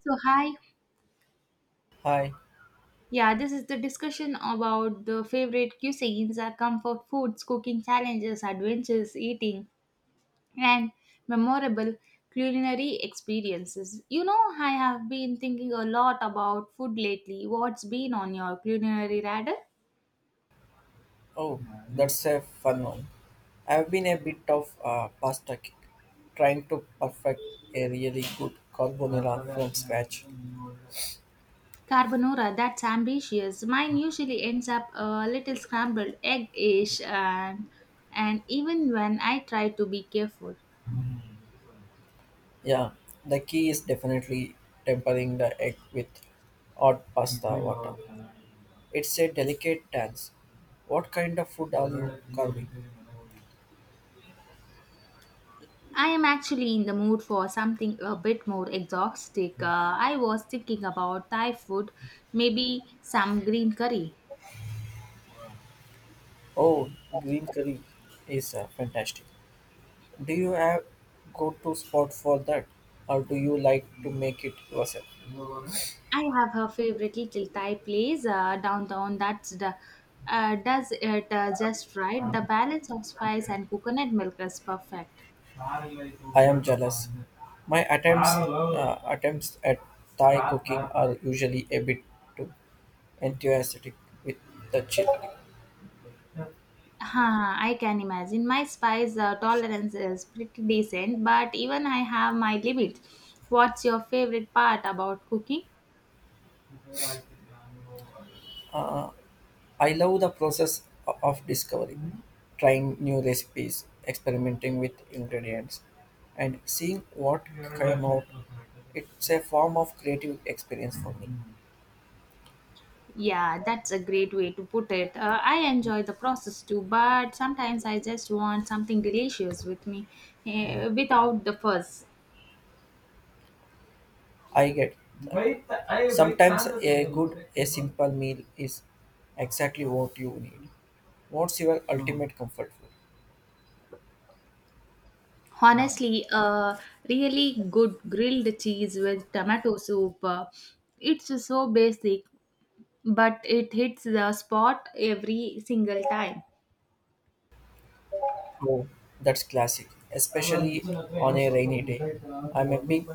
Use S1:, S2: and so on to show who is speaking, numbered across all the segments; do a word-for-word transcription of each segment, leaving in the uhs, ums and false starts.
S1: So, hi.
S2: Hi.
S1: Yeah, this is the discussion about the favorite cuisines, our comfort foods, cooking challenges, adventures, eating, and memorable culinary experiences. You know, I have been thinking a lot about food lately. What's been on your culinary radar?
S2: Oh, that's a fun one. I've been a bit of a pasta kick, trying to perfect a really good carbonara from scratch.
S1: Carbonara, that's ambitious. Mine usually ends up a little scrambled egg-ish and and even when I try to be careful.
S2: Yeah, the key is definitely tempering the egg with hot pasta water. It's a delicate dance. What kind of food are?
S1: I am actually in the mood for something a bit more exotic. Uh, I was thinking about Thai food, maybe some green curry.
S2: Oh, green curry is uh, fantastic. Do you have go-to spot for that, or do you like to make it yourself?
S1: I have her favorite little Thai place uh, downtown that's the, uh, does it uh, just right. The balance of spice and coconut milk is perfect.
S2: My att- Attempts at are usually a bit too enthusiastic with the chip.
S1: Huh, I can imagine. My spice uh, tolerance is pretty decent, but even I have my limits. What's your favorite part about cooking?
S2: Uh, I love the process o- of discovery, trying new recipes, experimenting with ingredients, and seeing what it's a form of creative experience for me.
S1: Yeah, that's a great way to put it. Uh, I enjoy the process too, but sometimes I just want something delicious with me eh, without the fuss.
S2: I get a simple meal is exactly what you need. What's your ultimate comfort food?
S1: Honestly, a really good grilled cheese with tomato soup. Uh, it's so basic, but it hits the spot every single time.
S2: Oh, that's classic. A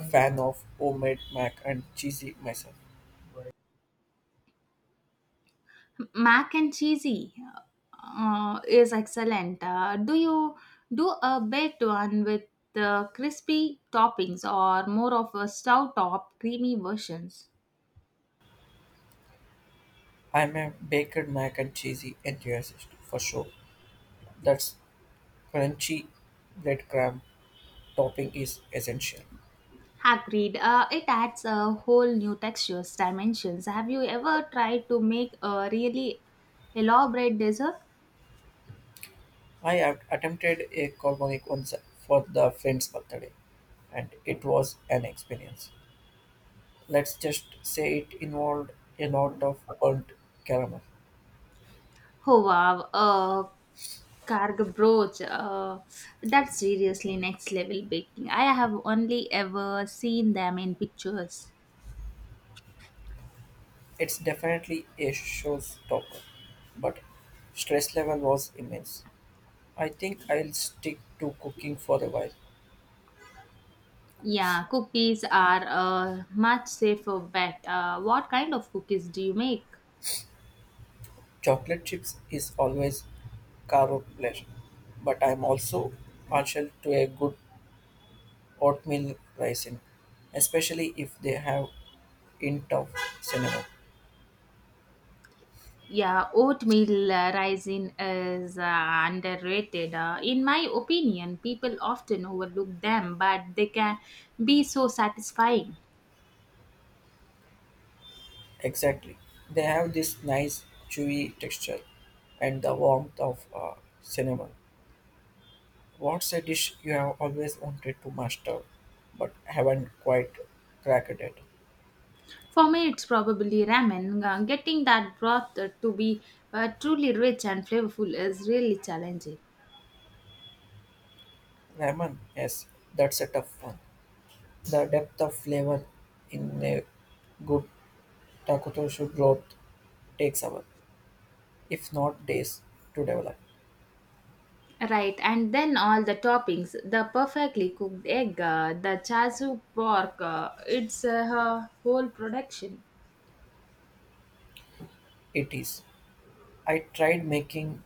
S2: fan of homemade mac and cheesy myself.
S1: Mac and cheesy uh, is excellent. Uh, do you do a baked one with uh, crispy toppings or more of a stout top creamy versions?
S2: I'm a baked mac and cheesy enthusiast for sure. That's crunchy breadcrumb topping is essential.
S1: Agreed. Uh, it adds a whole new textures, dimensions. Have you ever tried to make a really elaborate dessert?
S2: I have attempted a carbonic once for the friend's birthday, and it was an experience. Let's just say it involved a lot of burnt caramel.
S1: Oh wow, uh, carg brooch. Uh, that's seriously next level baking. I have only ever seen them in pictures.
S2: It's definitely a showstopper, but stress level was immense. I think I'll stick to cooking for a while.
S1: Yeah, cookies are a much safer bet. Uh, what kind of cookies do you make?
S2: Chocolate chips is always carbo pleasure, but I'm also partial to a good oatmeal raisin, especially if they have hint of cinnamon.
S1: Yeah, oatmeal uh, rising is uh, underrated. Uh, in my opinion, people often overlook them, but they can be so satisfying.
S2: Exactly, they have this nice chewy texture and the warmth of uh, cinnamon. What's a dish you have always wanted to master but haven't quite cracked it?
S1: For me, it's probably ramen. Uh, getting that broth uh, to be uh, truly rich and flavorful is really challenging.
S2: Ramen, yes, that's a tough one. The depth of flavor in a good Takotoshu growth takes hours, if not days, to develop.
S1: Right, and then all the toppings the perfectly cooked egg, uh, the chasu pork, uh, it's uh, her whole production.
S2: It is. I tried making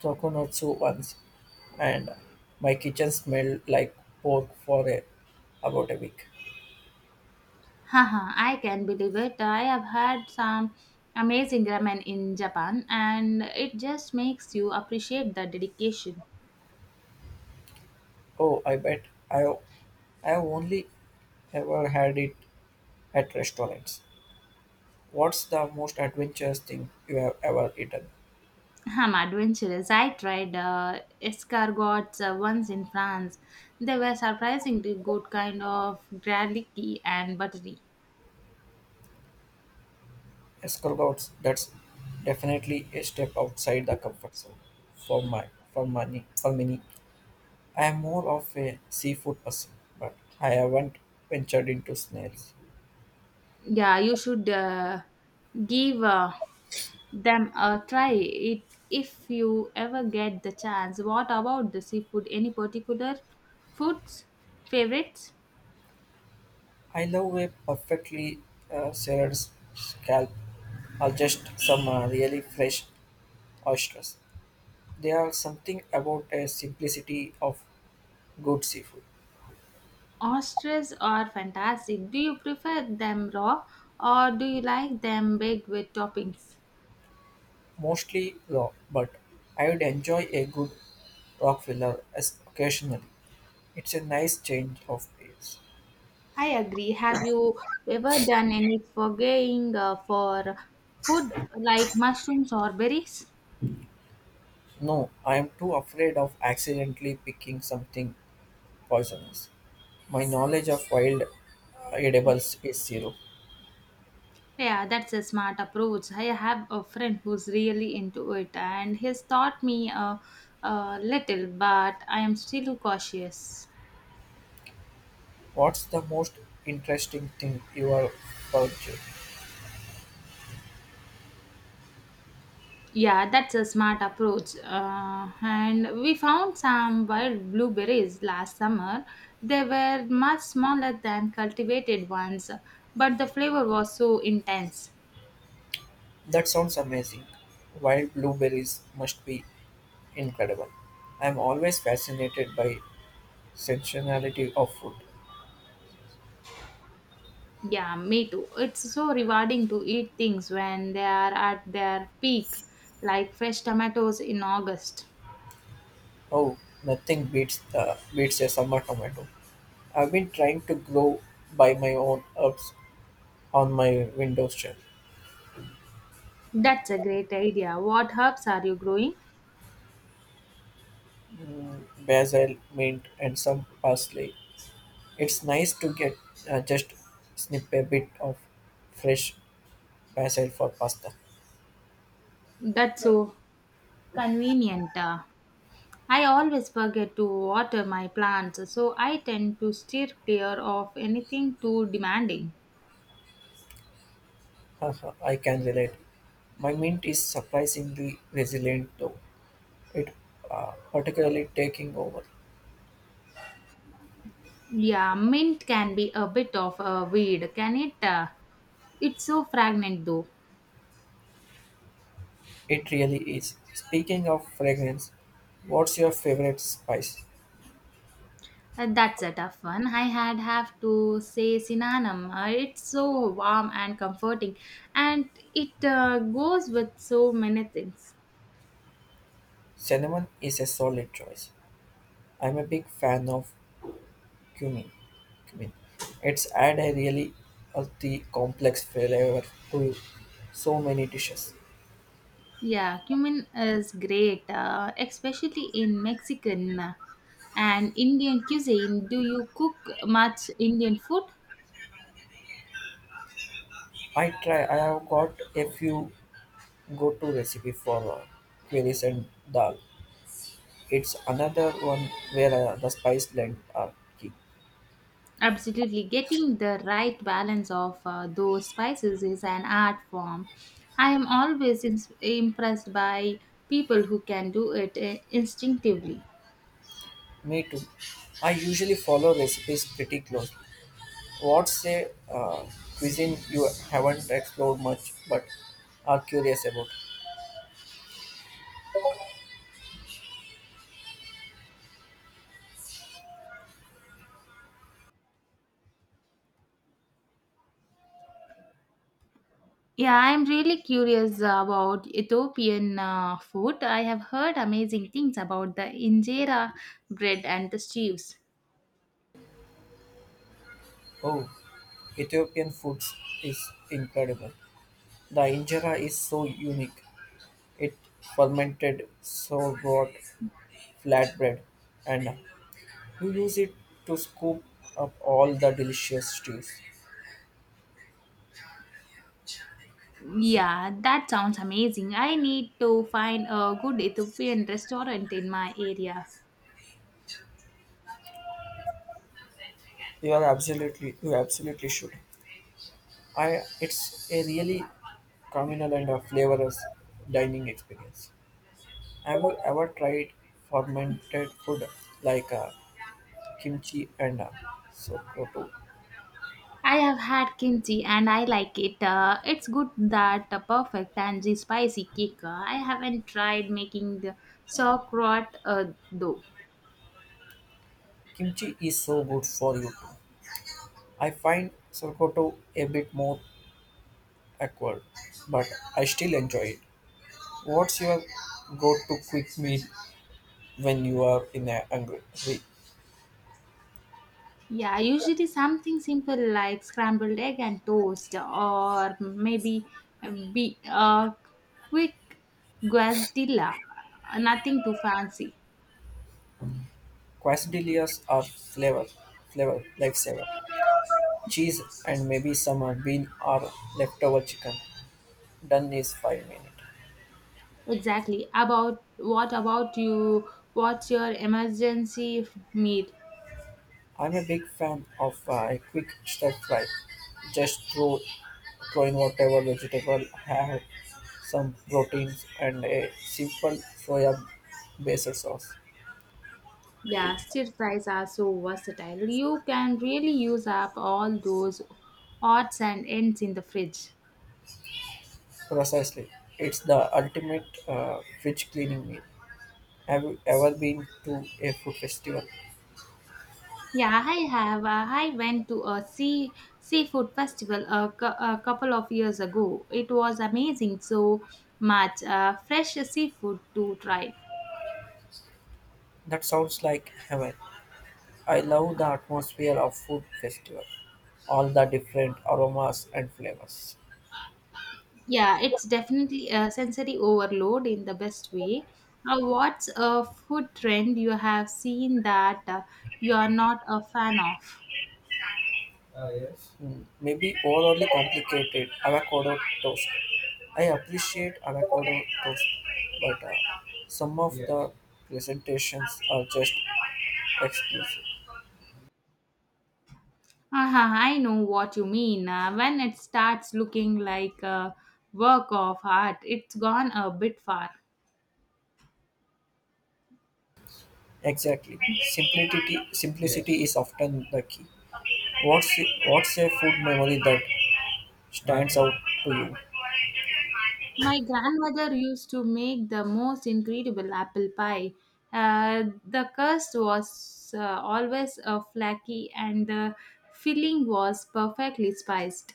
S2: tokonotsu once, and my kitchen smelled like pork for a, about a week.
S1: Haha, I can believe it. I have had some amazing ramen in Japan, and it just makes you appreciate the dedication.
S2: Oh, I bet I I only ever had it at restaurants. What's the most adventurous thing you have ever eaten?
S1: I'm adventurous. I tried uh, escargots uh, once in France. They were surprisingly good, kind of garlicky and buttery.
S2: Escargots. That's definitely a step outside the comfort zone for my for money for many. I am more of a seafood person, but I haven't ventured into snails.
S1: Yeah, you should uh, give. Uh, them uh, try it if you ever get the chance. What about the seafood, any particular foods favorites?
S2: I love a perfectly uh, seared scalp or just some uh, really fresh oysters. There are something about a simplicity of good seafood,
S1: Oysters are fantastic. Do you prefer them raw, or do you like them baked with toppings?
S2: mostly raw, but I would enjoy a good rockfiller as occasionally. It's a nice change of pace.
S1: I agree. Have you ever done any foraging uh, for food like mushrooms or berries?
S2: No, I am too afraid of accidentally picking something poisonous. My knowledge of wild edibles is zero.
S1: Yeah, that's a smart approach. I have a friend who's really into it and he's taught me a, a little, but I am still cautious.
S2: What's the most interesting thing you have found? Joe?
S1: Yeah, that's a smart approach. Uh, and we found some wild blueberries last summer. They were much smaller than cultivated ones, but the flavor was so intense.
S2: That sounds amazing. Wild blueberries must be incredible. I'm always fascinated by sensationality of food.
S1: Yeah, me too. It's so rewarding to eat things when they are at their peak, like fresh tomatoes in August.
S2: Oh, nothing beats the beats a summer tomato. I've been trying to grow by my own herbs on my window shelf.
S1: That's a great idea. What herbs are you growing?
S2: Basil, mint, and some parsley. It's nice to get uh, just snip a bit of fresh basil for pasta.
S1: That's so convenient. Uh, I always forget to water my plants, so I tend to steer clear of anything too demanding.
S2: Haha, I can relate. My mint is surprisingly resilient though. It uh, particularly taking over.
S1: Yeah, mint can be a bit of a weed, can it? Uh, it's so fragrant though.
S2: It really is. Speaking of fragrance, what's your favorite spice?
S1: Uh, that's a tough one. I had have to say synonymous. Uh, it's so warm and comforting, and it uh, goes with so many things.
S2: Cinnamon is a solid choice. I'm a big fan of cumin. Cumin. It's add a really earthy, complex flavor to so many dishes.
S1: Yeah, cumin is great, uh, especially in Mexican uh, and Indian cuisine. Do you cook much Indian food?
S2: I try. I have got a few go-to recipe for uh, queries and dal. It's another one where uh, the spice blend are key.
S1: Absolutely. Getting the right balance of uh, those spices is an art form. I am always ins- impressed by people who can do it uh, instinctively.
S2: Me too. I usually follow recipes pretty closely. What's a uh, cuisine you haven't explored much but are curious about?
S1: Yeah, I'm really curious about Ethiopian uh, food. I have heard amazing things about the injera bread and the stews.
S2: Oh, Ethiopian foods is incredible. The injera is so unique. It fermented sourdough flatbread and you use it to scoop up all the delicious stews.
S1: Yeah, that sounds amazing. I need to find a good Ethiopian restaurant in my area.
S2: You are absolutely, you absolutely should. I, it's a really communal and a flavorous dining experience. Have you ever tried fermented food like uh, kimchi and uh, sokoto?
S1: I have had kimchi and I like it. Uh, it's good that a perfect tangy spicy kick. Uh, I haven't tried making the sauerkraut uh, though.
S2: Kimchi is so good for you too. I find sokoto a bit more awkward, but I still enjoy it. What's your go-to quick meal when you are in a hungry?
S1: Yeah, usually something simple like scrambled egg and toast, or maybe a be a quick guazdilla. Nothing too fancy.
S2: Quesadillas are flavor, flavor, lifesaver. Cheese and maybe some uh, bean or leftover chicken. Done is five minutes.
S1: Exactly. About what about you? What's your emergency f- meal?
S2: I'm a big fan of uh, a quick stir fry. Just throw, throw in whatever vegetable I have, some proteins and a simple soya based sauce.
S1: Yeah, stir fries are so versatile. You can really use up all those odds and ends in the fridge.
S2: Precisely, it's the ultimate uh, fridge cleaning meal. Have you ever been to a food festival?
S1: Yeah, I have. Uh, I went to a sea seafood festival a, cou- a couple of years ago. It was amazing. So much uh, fresh seafood to try.
S2: That sounds like heaven. I love the atmosphere of food festival, all the different aromas and flavors.
S1: Yeah, it's definitely a sensory overload in the best way. Uh, what's a food trend you have seen that uh, you're not a fan of?
S2: Mm, maybe overly complicated avocado toast. I appreciate avocado toast, but uh, some of the presentations are just exclusive.
S1: Uh-huh, I know what you mean. Uh, when it starts looking like a work of art, it's gone a bit far.
S2: Exactly, simplicity simplicity is often the key. What's what's a food memory that stands out to you?
S1: My grandmother used to make the most incredible apple pie. Uh, the crust was uh, always uh, flaky and the filling was perfectly spiced.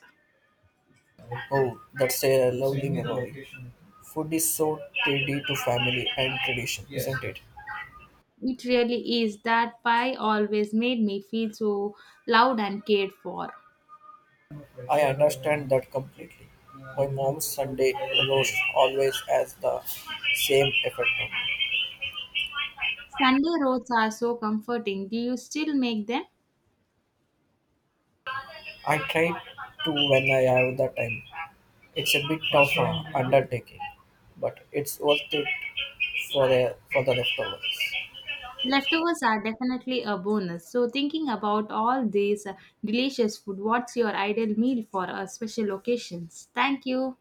S2: Oh, that's a food is so tied to family and tradition. I
S1: It really is. That pie always made me feel so loved and cared for.
S2: understand that completely. My mom's Sunday roast always has the same effect on me.
S1: Sunday roads are so comforting. Do you still make them?
S2: I try to when I have the time. It's a bit of an undertaking, but it's worth it for the for the leftovers.
S1: Leftovers are definitely a bonus. So, thinking about all these uh, delicious food, what's your ideal meal for uh, special occasions? Thank you.